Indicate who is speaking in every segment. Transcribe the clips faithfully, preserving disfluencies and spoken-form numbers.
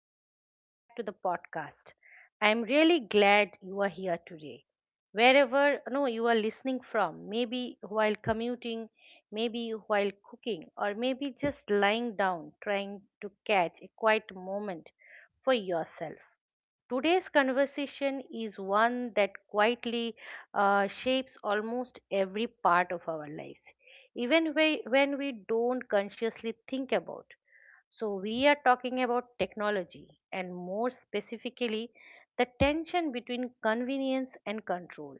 Speaker 1: and welcome back to the podcast. I'm really glad you are here today. Wherever no, you are listening from, maybe while commuting, maybe while cooking, or maybe just lying down trying to catch a quiet moment for yourself. Today's conversation is one that quietly uh, shapes almost every part of our lives, even we, when we don't consciously think about. So, we are talking about technology and more specifically the tension between convenience and control.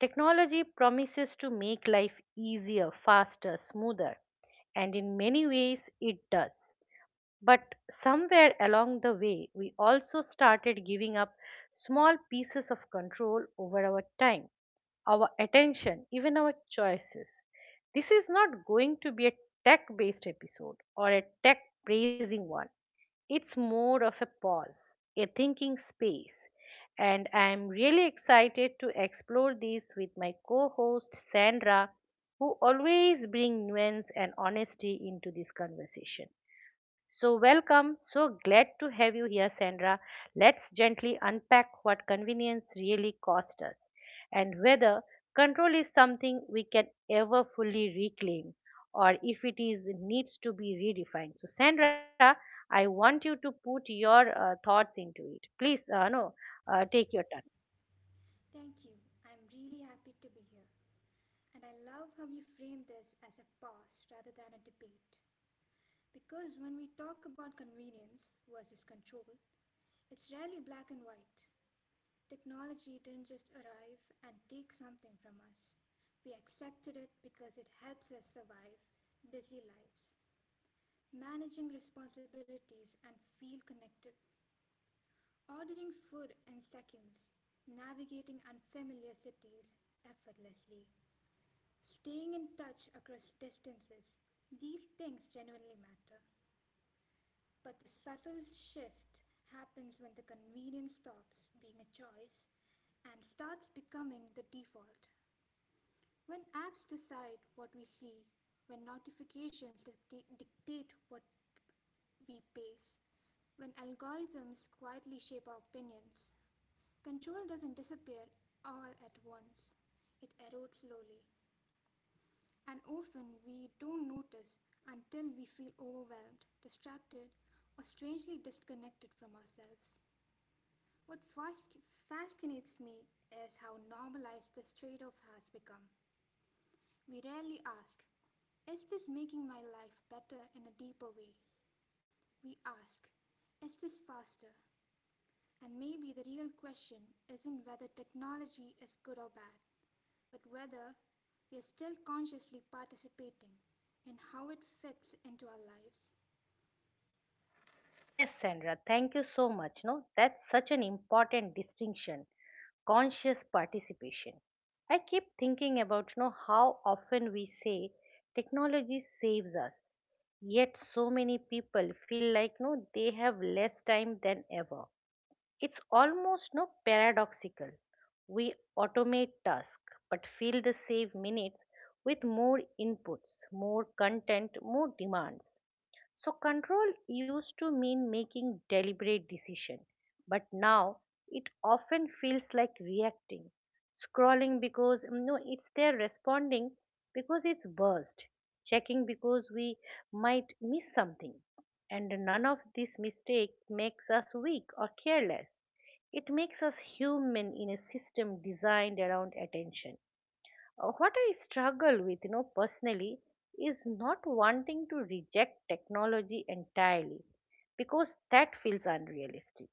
Speaker 1: Technology promises to make life easier, faster, smoother, and in many ways it does. But somewhere along the way, we also started giving up small pieces of control over our time, our attention, even our choices. This is not going to be a tech based episode or a tech praising one. It's more of a pause, a thinking space. And I'm really excited to explore this with my co host Sandra, who always brings nuance and honesty into this conversation. So, welcome. So glad to have you here, Sandra. Let's gently unpack what convenience really cost us and whether control is something we can ever fully reclaim or if it is needs to be redefined. So, Sandra, I want you to put your uh, thoughts into it. Please, uh, no, uh, take your turn.
Speaker 2: Thank you. I'm really happy to be here. And I love how you frame this as a pause rather than a debate. Because when we talk about convenience versus control, it's rarely black and white. Technology didn't just arrive and take something from us. We accepted it because it helps us survive busy lives, managing responsibilities, and feel connected. Ordering food in seconds, navigating unfamiliar cities effortlessly, staying in touch across distances, these things genuinely matter. But the subtle shift happens when the convenience stops being a choice and starts becoming the default. When apps decide what we see, when notifications dicta- dictate what we pace, when algorithms quietly shape our opinions, control doesn't disappear all at once. It erodes slowly, and often we don't notice until we feel overwhelmed, distracted, or strangely disconnected from ourselves. What fasc- fascinates me is how normalized this trade off has become. We rarely ask, "Is this making my life better in a deeper way?" We ask, "Is this faster?" And maybe the real question isn't whether technology is good or bad, but whether we are still consciously participating and how it fits into our lives.
Speaker 1: Uh, yes, Sandra, thank you so much. No, that's such an important distinction conscious participation. I keep thinking about, you know, how often we say technology saves us, yet so many people feel like no, they have less time than ever. It's almost no paradoxical. We automate tasks but feel the save minutes with more inputs, more content, more demands. So control used to mean making deliberate decision, but now it often feels like reacting, scrolling because mm, no, it's there responding because it's burst, checking because we might miss something, and none of this mistake makes us weak or careless. It makes us human in a system designed around attention. Uh, what I struggle with, you know, personally, is not wanting to reject technology entirely because that feels unrealistic,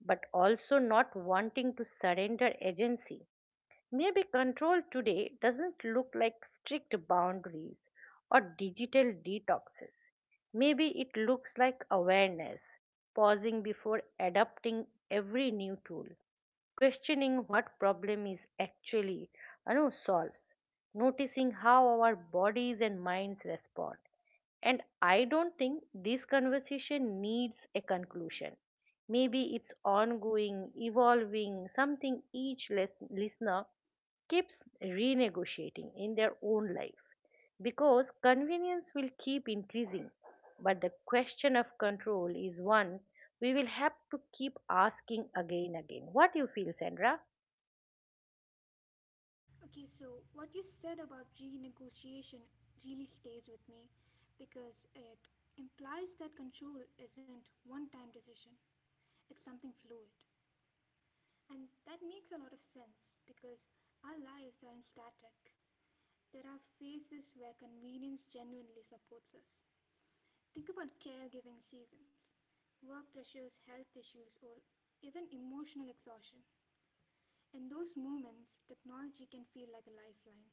Speaker 1: but also not wanting to surrender agency. Maybe control today doesn't look like strict boundaries or digital detoxes. Maybe it looks like awareness, pausing before adopting every new tool, questioning what problem is actually, you know, solves, noticing how our bodies and minds respond. And I don't think this conversation needs a conclusion. Maybe it's ongoing, evolving, something each les- listener keeps renegotiating in their own life because convenience will keep increasing. But the question of control is one we will have to keep asking again again. What do you feel, Sandra?
Speaker 2: Okay, so what you said about renegotiation really stays with me because it implies that control isn't one time decision, it's something fluid. And that makes a lot of sense because our lives aren't static. There are phases where convenience genuinely supports us. Think about caregiving seasons, work pressures, health issues, or even emotional exhaustion. In those moments, technology can feel like a lifeline.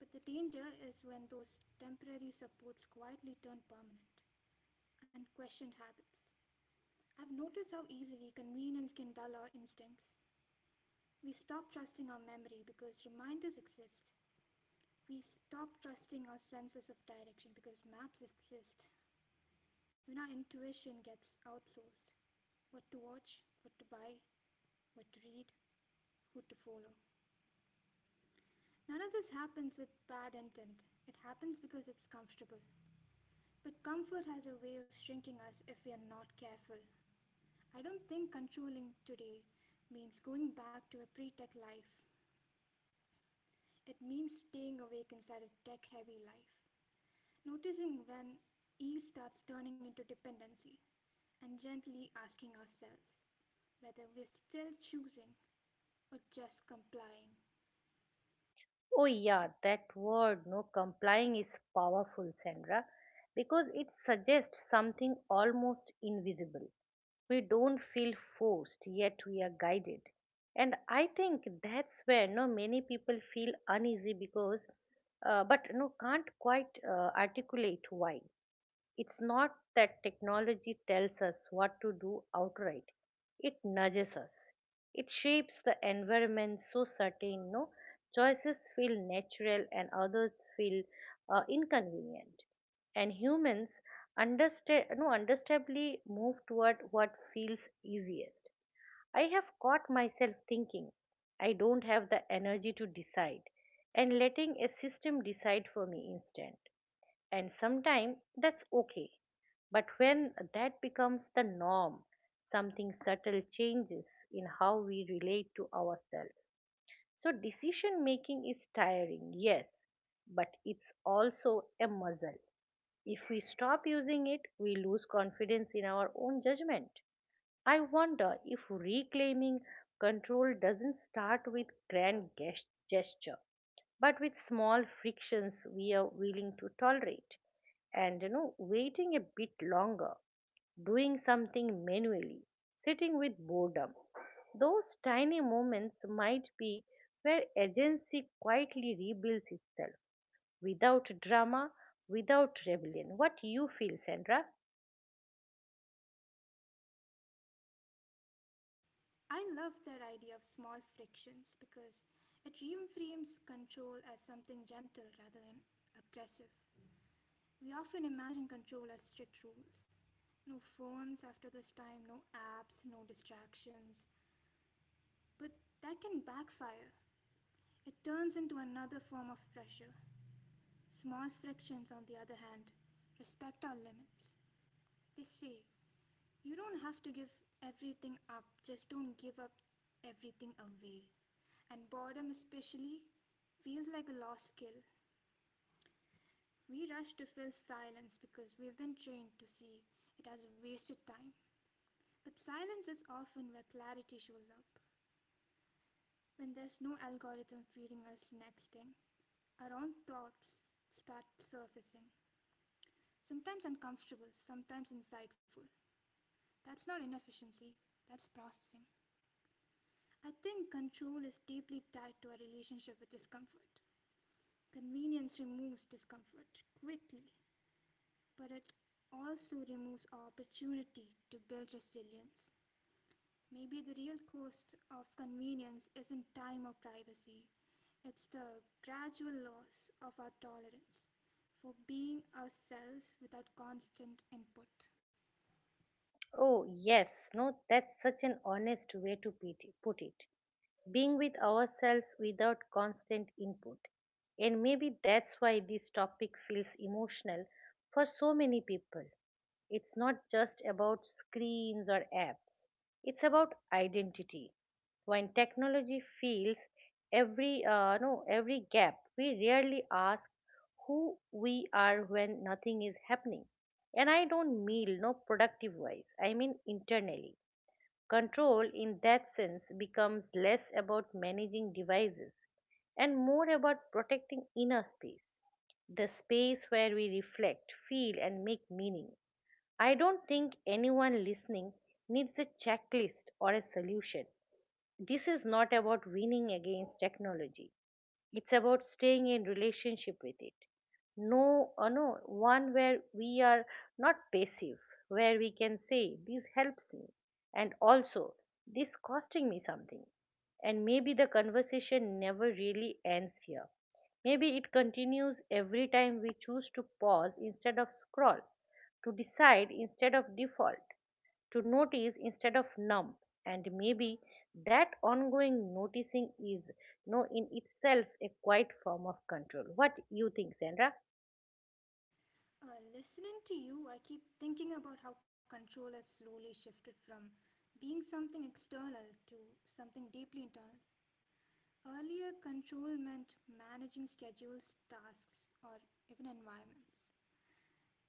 Speaker 2: But the danger is when those temporary supports quietly turn permanent, unquestioned habits. I've noticed how easily convenience can dull our instincts. We stop trusting our memory because reminders exist. We stop trusting our senses of direction because maps exist. When our intuition gets outsourced, what to watch, what to buy, what to read, who to follow. None of this happens with bad intent. It happens because it's comfortable. But comfort has a way of shrinking us if we are not careful. I don't think controlling today means going back to a pre tech life. It means staying awake inside a tech heavy life. Noticing when ease starts turning into dependency and gently asking ourselves whether we're still choosing or just complying.
Speaker 1: Oh yeah, that word no complying is powerful, Sandra, because it suggests something almost invisible. We don't feel forced, yet we are guided. And I think that's where no many people feel uneasy because uh, but no can't quite uh, articulate why. It's not that technology tells us what to do outright, it nudges us. It shapes the environment so certain no choices feel natural and others feel uh, inconvenient. And humans understa- no, understandably move toward what feels easiest. I have caught myself thinking, I don't have the energy to decide, and letting a system decide for me instead, and sometimes that's okay. But when that becomes the norm, something subtle changes in how we relate to ourselves. So, decision making is tiring, yes, but it's also a muscle. If we stop using it, we lose confidence in our own judgment. I wonder if reclaiming control doesn't start with grand ges- gesture, but with small frictions we are willing to tolerate, and, you know, waiting a bit longer, doing something manually, sitting with boredom. Those tiny moments might be where agency quietly rebuilds itself, without drama, without rebellion. What you feel, Sandra?
Speaker 2: I love that idea of small frictions because it reframes control as something gentle rather than aggressive. We often imagine control as strict rules, no phones after this time, no apps, no distractions. But that can backfire. It turns into another form of pressure. Small frictions, on the other hand, respect our limits. They say, "You don't have to give everything up, just don't give up everything away." And boredom, especially, feels like a lost skill. We rush to fill silence because we've been trained to see it as wasted time. But silence is often where clarity shows up, when there's no algorithm feeding us the next thing. Our own thoughts start surfacing, sometimes uncomfortable, sometimes insightful. That's not inefficiency, that's processing. I think control is deeply tied to our relationship with discomfort. Convenience removes discomfort quickly, but it also removes opportunity to build resilience. Maybe the real cost of convenience isn't time or privacy, it's the gradual loss of our tolerance for being ourselves without constant input.
Speaker 1: Oh yes, no, that's such an honest way to put it put it. Being with ourselves without constant input. And maybe that's why this topic feels emotional for so many people. It's not just about screens or apps, it's about identity. When technology fills every, uh, no, every gap, we rarely ask who we are when nothing is happening. And I don't mean no productive wise, I mean internally. Control, in that sense, becomes less about managing devices and more about protecting inner space, the space where we reflect, feel, and make meaning. I don't think anyone listening needs a checklist or a solution. This is not about winning against technology. It's about staying in relationship with it. No, uh, no, one where we are not passive, where we can say, this helps me, and also, this costing me something. And maybe the conversation never really ends here. Maybe it continues every time we choose to pause instead of scroll, to decide instead of default, to notice instead of numb. And maybe that ongoing noticing is, you know, in itself a quiet form of control. What you think, Sandra?
Speaker 2: Uh, listening to you, I keep thinking about how control has slowly shifted from being something external to something deeply internal. Earlier, control meant managing schedules, tasks, or even environments.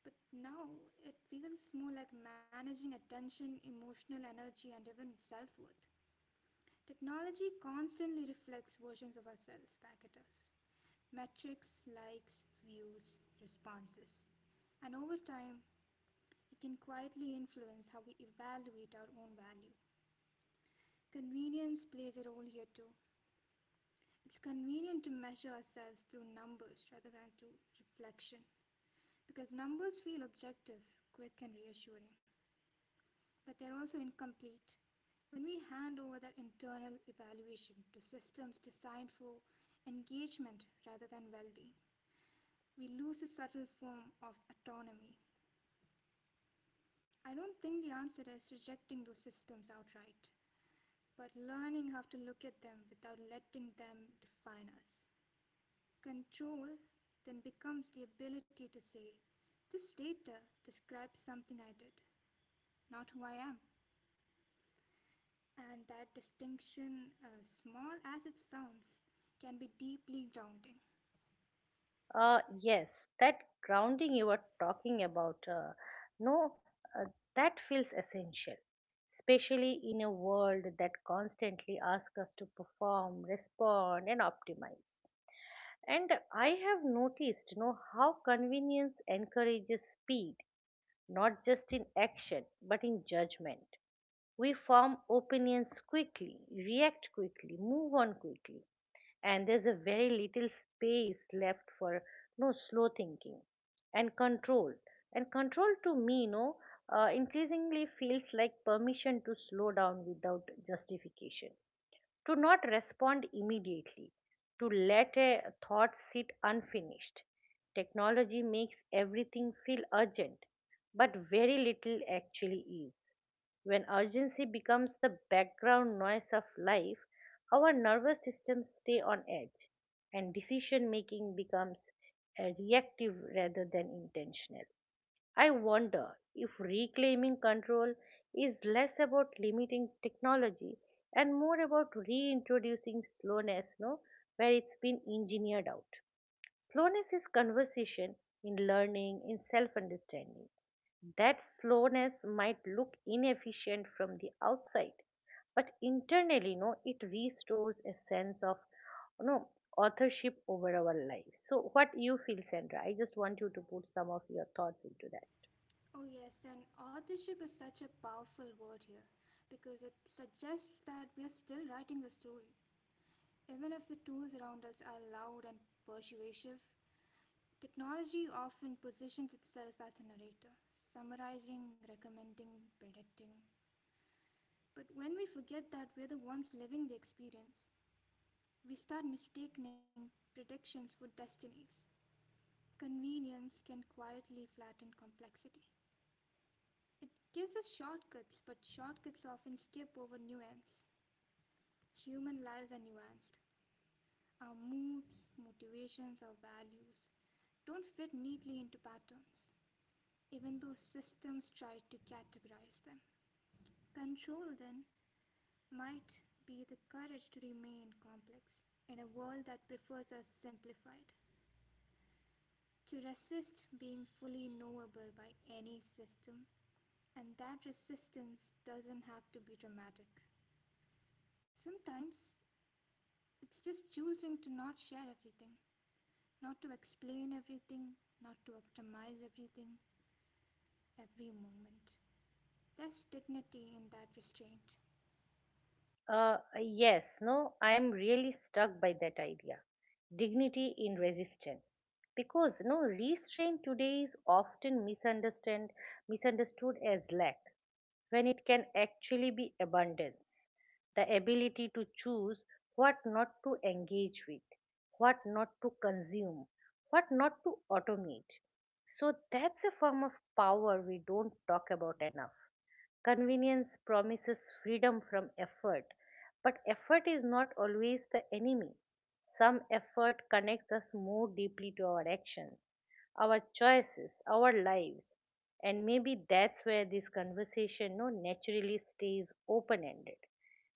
Speaker 2: But now, it feels more like managing attention, emotional energy, and even self worth. Technology constantly reflects versions of ourselves back at us, metrics, likes, views, responses. And over time, it can quietly influence how we evaluate our own value. Convenience plays a role here too. It's convenient to measure ourselves through numbers rather than through reflection because numbers feel objective, quick, and reassuring, but they're also incomplete. When we hand over that internal evaluation to systems designed for engagement rather than well being, we lose a subtle form of autonomy. I don't think the answer is rejecting those systems outright, but learning how to look at them without letting them define us. Control then becomes the ability to say, "This data describes something I did, not who I am." And that distinction, uh, small as it sounds, can be deeply grounding.
Speaker 1: Uh, yes, that grounding you were talking about, uh, no, uh, that feels essential, especially in a world that constantly asks us to perform, respond, and optimize. And I have noticed, you know, how convenience encourages speed, not just in action but in judgment. We form opinions quickly, react quickly, move on quickly, and there's a very little space left for no slow thinking and control. And control to me, no, uh, increasingly feels like permission to slow down without justification, to not respond immediately, to let a thought sit unfinished. Technology makes everything feel urgent, but very little actually is. When urgency becomes the background noise of life, our nervous systems stay on edge and decision making becomes uh, reactive rather than intentional. I wonder if reclaiming control is less about limiting technology and more about reintroducing slowness, no, where it's been engineered out. Slowness is conversation in learning, in self understanding. That slowness might look inefficient from the outside, but internally, no, it restores a sense of no authorship over our lives. So, what you feel, Sandra? I just want you to put some of your thoughts into that.
Speaker 2: Oh, yes, and authorship is such a powerful word here because it suggests that we are still writing the story. Even if the tools around us are loud and persuasive, technology often positions itself as a narrator, summarizing, recommending, predicting. But when we forget that we're the ones living the experience, we start mistaking predictions for destinies. Convenience can quietly flatten complexity. It gives us shortcuts, but shortcuts often skip over nuance. Human lives are nuanced. Our moods, motivations, our values don't fit neatly into patterns, even though systems try to categorize them. Control, then, might be the courage to remain complex in a world that prefers us simplified, to resist being fully knowable by any system, and that resistance doesn't have to be dramatic. Sometimes it's just choosing to not share everything, not to explain everything, not to optimize everything, every moment. There's dignity in that restraint.
Speaker 1: Uh, yes, no, I am really struck by that idea. Dignity in resistance. Because no restraint today is often misunderstood misunderstood as lack when it can actually be abundance. The ability to choose what not to engage with, what not to consume, what not to automate. So that's a form of power we don't talk about enough. Convenience promises freedom from effort, but effort is not always the enemy. Some effort connects us more deeply to our actions, our choices, our lives. And maybe that's where this conversation no naturally stays open ended.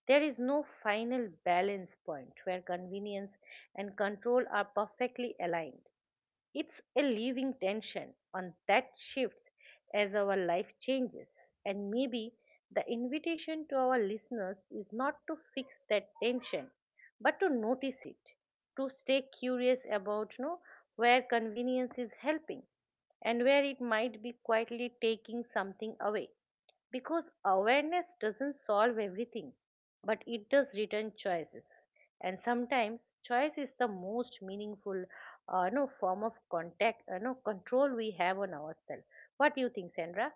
Speaker 1: There is no final balance point where convenience and control are perfectly aligned. It's a living tension on that shifts as our life changes. And maybe the invitation to our listeners is not to fix that tension, but to notice it, to stay curious about, you know, where convenience is helping and where it might be quietly taking something away. Because awareness doesn't solve everything, but it does return choices, and sometimes choice is the most meaningful uh, no form of contact uh, no control we have on ourselves. What do you think, Sandra?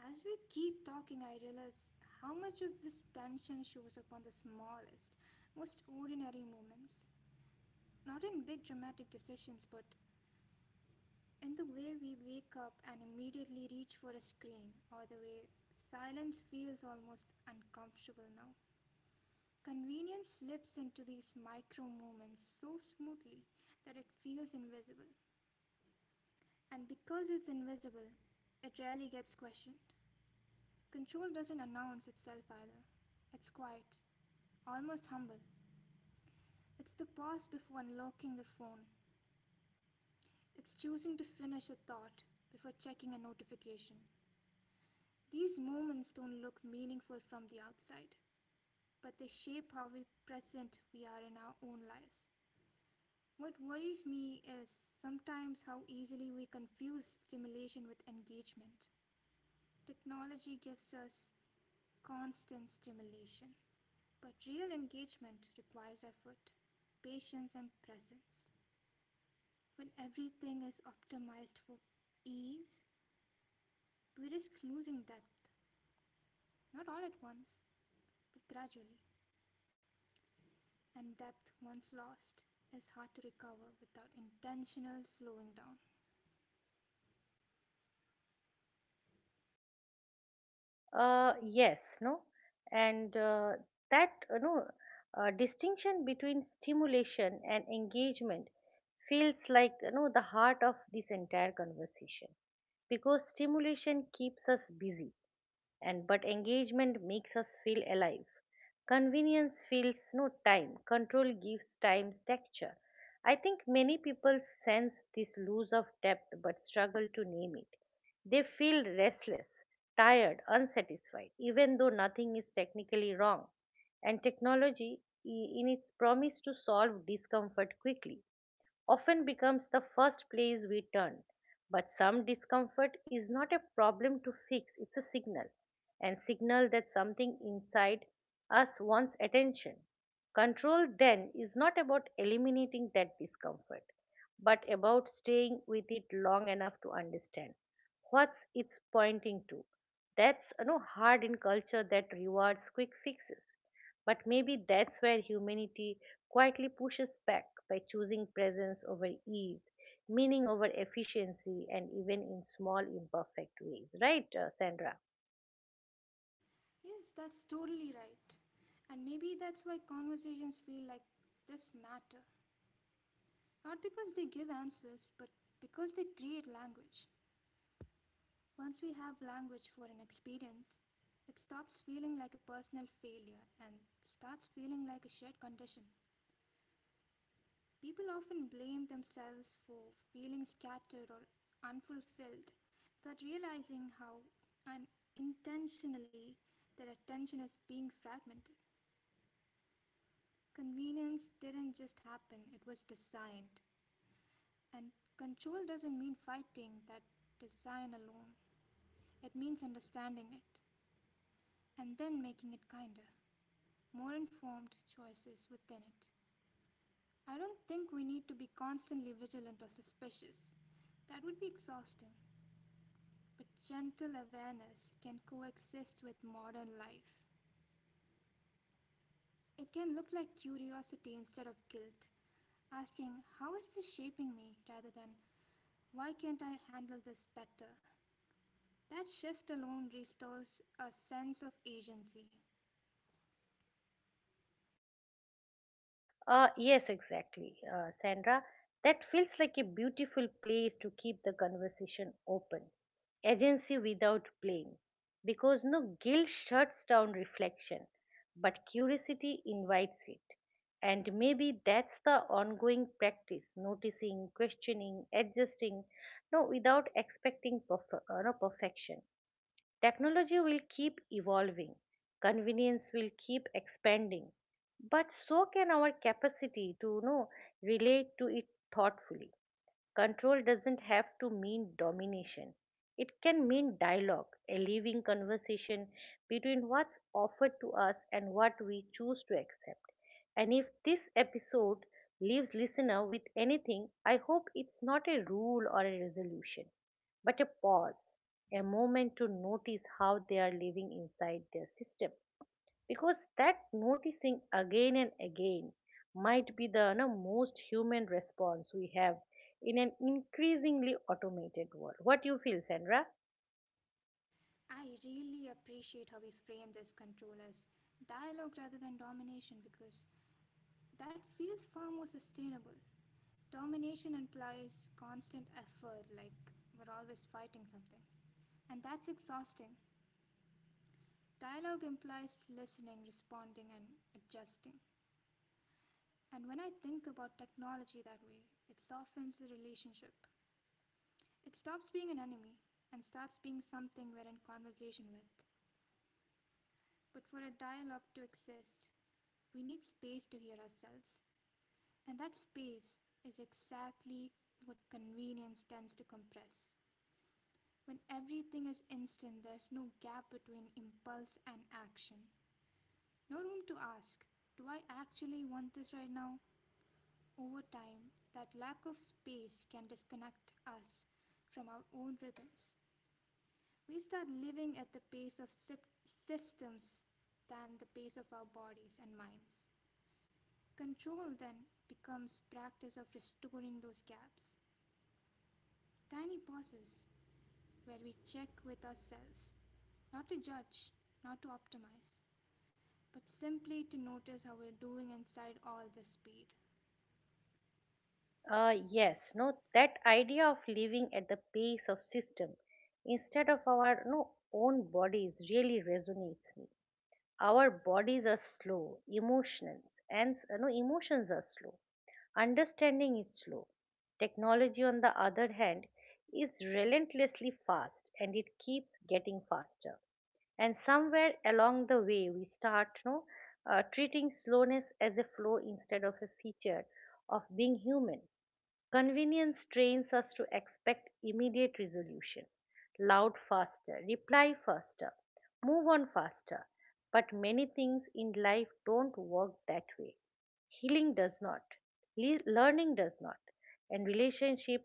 Speaker 2: As we keep talking, I realize how much of this tension shows up on the smallest, most ordinary moments. Not in big dramatic decisions, but in the way we wake up and immediately reach for a screen, or the way silence feels almost uncomfortable now. Convenience slips into these micro moments so smoothly that it feels invisible. And because it's invisible, it rarely gets questioned. Control doesn't announce itself either. It's quiet, almost humble. It's the pause before unlocking the phone. It's choosing to finish a thought before checking a notification. These moments don't look meaningful from the outside, but they shape how present we are in our own lives. What worries me is sometimes how easily we confuse stimulation with engagement. Technology gives us constant stimulation. But real engagement requires effort, patience, and presence. When everything is optimized for ease, we risk losing depth, not all at once, but gradually. And depth, once lost, is hard to recover without intentional slowing down.
Speaker 1: uh, Yes, no, and uh, that uh, no uh, distinction between stimulation and engagement feels like, you know, the heart of this entire conversation, because stimulation keeps us busy and but engagement makes us feel alive. Convenience feels no time, control gives time texture. I think many people sense this loss of depth but struggle to name it. They feel restless, tired, unsatisfied, even though nothing is technically wrong. And technology, i- in its promise to solve discomfort quickly, often becomes the first place we turn. But some discomfort is not a problem to fix, it's a signal, and signal that something inside us wants attention. Control then is not about eliminating that discomfort, but about staying with it long enough to understand what's it's pointing to. That's, you know, hard in culture that rewards quick fixes. But maybe that's where humanity quietly pushes back by choosing presence over ease, meaning over efficiency, and even in small imperfect ways, right, uh, Sandra?
Speaker 2: Yes, that's totally right. And maybe that's why conversations feel like this matter. Not because they give answers, but because they create language. Once we have language for an experience, it stops feeling like a personal failure and starts feeling like a shared condition. People often blame themselves for feeling scattered or unfulfilled without realizing how unintentionally their attention is being fragmented. Convenience didn't just happen, it was designed. And control doesn't mean fighting that design alone, it means understanding it and then making it kinder, more informed choices within it. I don't think we need to be constantly vigilant or suspicious. That would be exhausting. But gentle awareness can coexist with modern life. It can look like curiosity instead of guilt, asking, "How is this shaping me?" rather than, "Why can't I handle this better?" That shift alone restores a sense of agency.
Speaker 1: Uh, yes, exactly, uh, Sandra. That feels like a beautiful place to keep the conversation open. Agency without blame. Because no guilt shuts down reflection, but curiosity invites it. And maybe that's the ongoing practice noticing, questioning, adjusting, no, without expecting perf- uh, no, perfection. Technology will keep evolving, convenience will keep expanding, but so can our capacity to, you know, relate to it thoughtfully. Control doesn't have to mean domination. It can mean dialogue, a living conversation between what's offered to us and what we choose to accept. And if this episode leaves listener with anything, I hope it's not a rule or a resolution, but a pause, a moment to notice how they are living inside their system because that noticing again and again might be the you know, most human response we have in an increasingly automated world. What you feel, Sandra?
Speaker 2: I really appreciate how we frame this control as dialogue rather than domination because that feels far more sustainable. Domination implies constant effort, like we're always fighting something. And that's exhausting. Dialogue implies listening, responding, and adjusting. And when I think about technology that way, it softens the relationship. It stops being an enemy and starts being something we're in conversation with. But for a dialogue to exist, we need space to hear ourselves. And that space is exactly what convenience tends to compress. When everything is instant, there's no gap between impulse and action. No room to ask, "Do I actually want this right now?" Over time, that lack of space can disconnect us from our own rhythms. We start living at the pace of systems than the pace of our bodies and minds. Control then becomes practice of restoring those gaps. Tiny pauses where we check with ourselves, not to judge, not to optimize, but simply to notice how we're doing inside all this speed.
Speaker 1: Uh, yes, no, that idea of living at the pace of system instead of our no own bodies really resonates me. Our bodies are slow, emotions and you know, emotions are slow. Understanding is slow. Technology, on the other hand, is relentlessly fast and it keeps getting faster. And somewhere along the way, we start you know, uh, treating slowness as a flaw instead of a feature of being human. Convenience trains us to expect immediate resolution, loud faster, reply faster, move on faster. But many things in life don't work that way. Healing does not. Le- learning does not, and relationship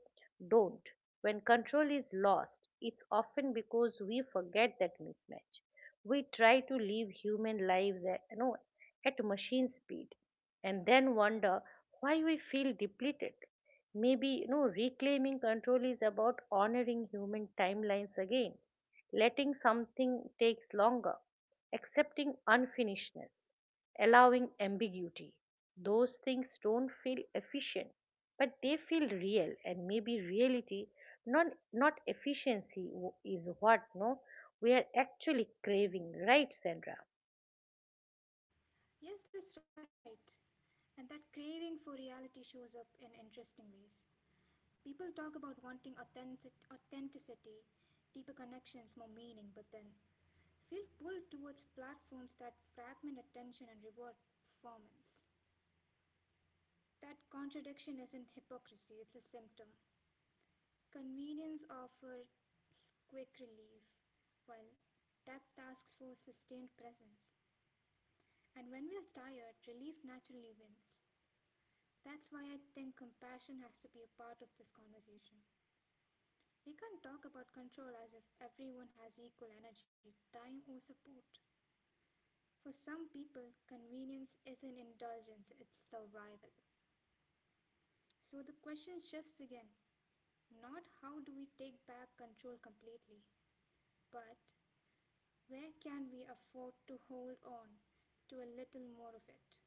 Speaker 1: don't. When control is lost, it's often because we forget that mismatch. We try to live human lives at you know, at machine speed and then wonder why we feel depleted. Maybe you know reclaiming control is about honoring human timelines again, letting something takes longer, accepting unfinishedness, allowing ambiguity. Those things don't feel efficient, but they feel real, and maybe reality, not not efficiency, w- is what no we are actually craving, right, Sandra?
Speaker 2: Yes, that's right. And that craving for reality shows up in interesting ways. People talk about wanting authenticity, deeper connections, more meaning, but then feel pulled towards platforms that fragment attention and reward performance. That contradiction isn't hypocrisy, it's a symptom. Convenience offers quick relief, while depth asks for sustained presence. And when we are tired, relief naturally wins. That's why I think compassion has to be a part of this conversation. We can't talk about control as if everyone has equal energy, time, or support. For some people, convenience isn't indulgence, it's survival. So the question shifts again, not how do we take back control completely, but where can we afford to hold on to a little more of it?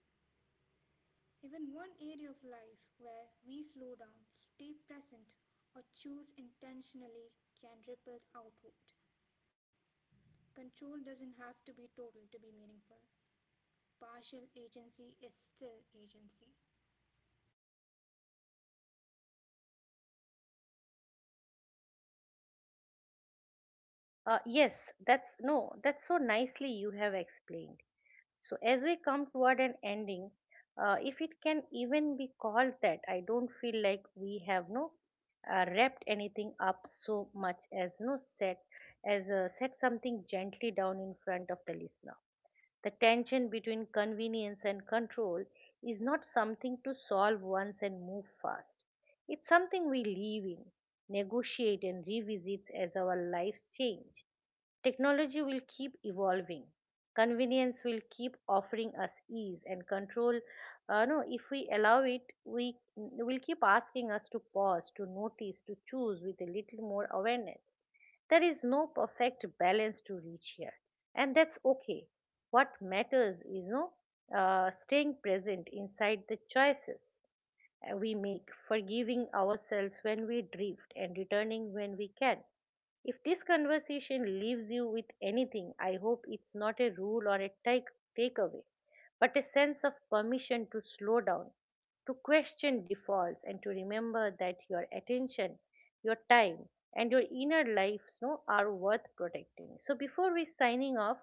Speaker 2: Even one area of life where we slow down, stay present, or choose intentionally can ripple outward. Control doesn't have to be total to be meaningful. Partial agency is still agency.
Speaker 1: Uh, yes, that's no, that's so nicely you have explained. So, as we come toward an ending, uh, if it can even be called that, I don't feel like we have no uh, wrapped anything up so much as no set as uh, set something gently down in front of the listener. The tension between convenience and control is not something to solve once and move fast. It's something we live in, negotiate, and revisit as our lives change. Technology will keep evolving. Convenience will keep offering us ease and control. Uh, no, if we allow it, we will keep asking us to pause, to notice, to choose with a little more awareness. There is no perfect balance to reach here, and that's okay. What matters is no uh, staying present inside the choices uh, we make, forgiving ourselves when we drift, and returning when we can. If this conversation leaves you with anything, I hope it's not a rule or a take takeaway, but a sense of permission to slow down, to question defaults, and to remember that your attention, your time, and your inner lives no, are worth protecting. So before we signing off,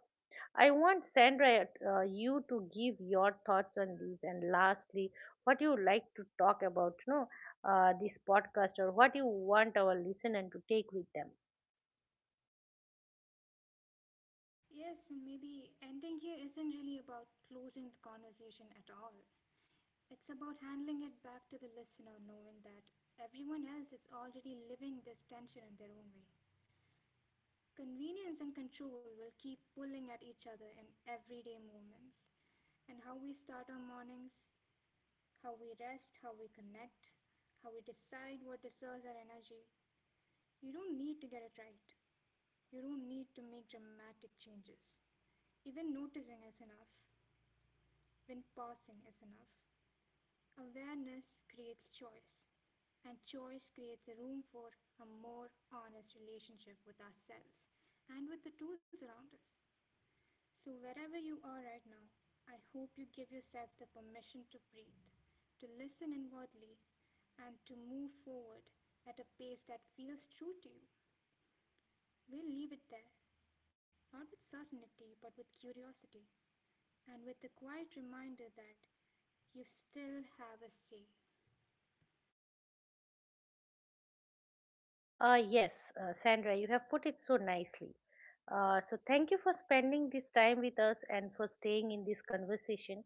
Speaker 1: I want Sandra, uh, you to give your thoughts on these, and lastly, what you like to talk about, you know, uh, this podcast, or what you want our listener to take with them.
Speaker 2: Yes, and maybe ending here isn't really about closing the conversation at all. It's about handling it back to the listener, knowing that everyone else is already living this tension in their own way. Convenience and control will keep pulling at each other in everyday moments. And how we start our mornings, how we rest, how we connect, how we decide what deserves our energy. You don't need to get it right. You don't need to make dramatic changes. Even noticing is enough. When pausing is enough. Awareness creates choice. And choice creates a room for a more honest relationship with ourselves and with the tools around us. So, wherever you are right now, I hope you give yourself the permission to breathe, to listen inwardly, and to move forward at a pace that feels true to you. We'll leave it there, not with certainty, but with curiosity, and with the quiet reminder that you still have a say.
Speaker 1: Uh, yes, uh, Sandra, you have put it so nicely. Uh, so thank you for spending this time with us and for staying in this conversation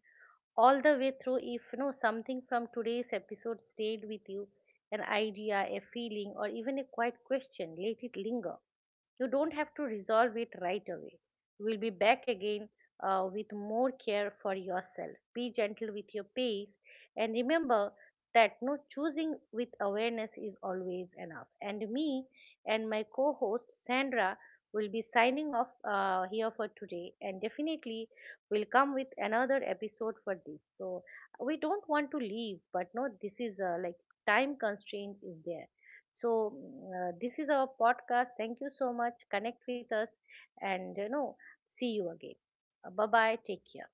Speaker 1: all the way through. If you know something from today's episode stayed with you, an idea, a feeling, or even a quiet question, let it linger. You don't have to resolve it right away. You will be back again uh, with more care for yourself. Be gentle with your pace and remember that no choosing with awareness is always enough. And me and my co host Sandra will be signing off uh, here for today and definitely will come with another episode for this. So we don't want to leave, but no, this is uh, like time constraints is there so mm, uh, this is our podcast. Thank you so much. Connect with us, and you know, see you again. Bye bye. Take care.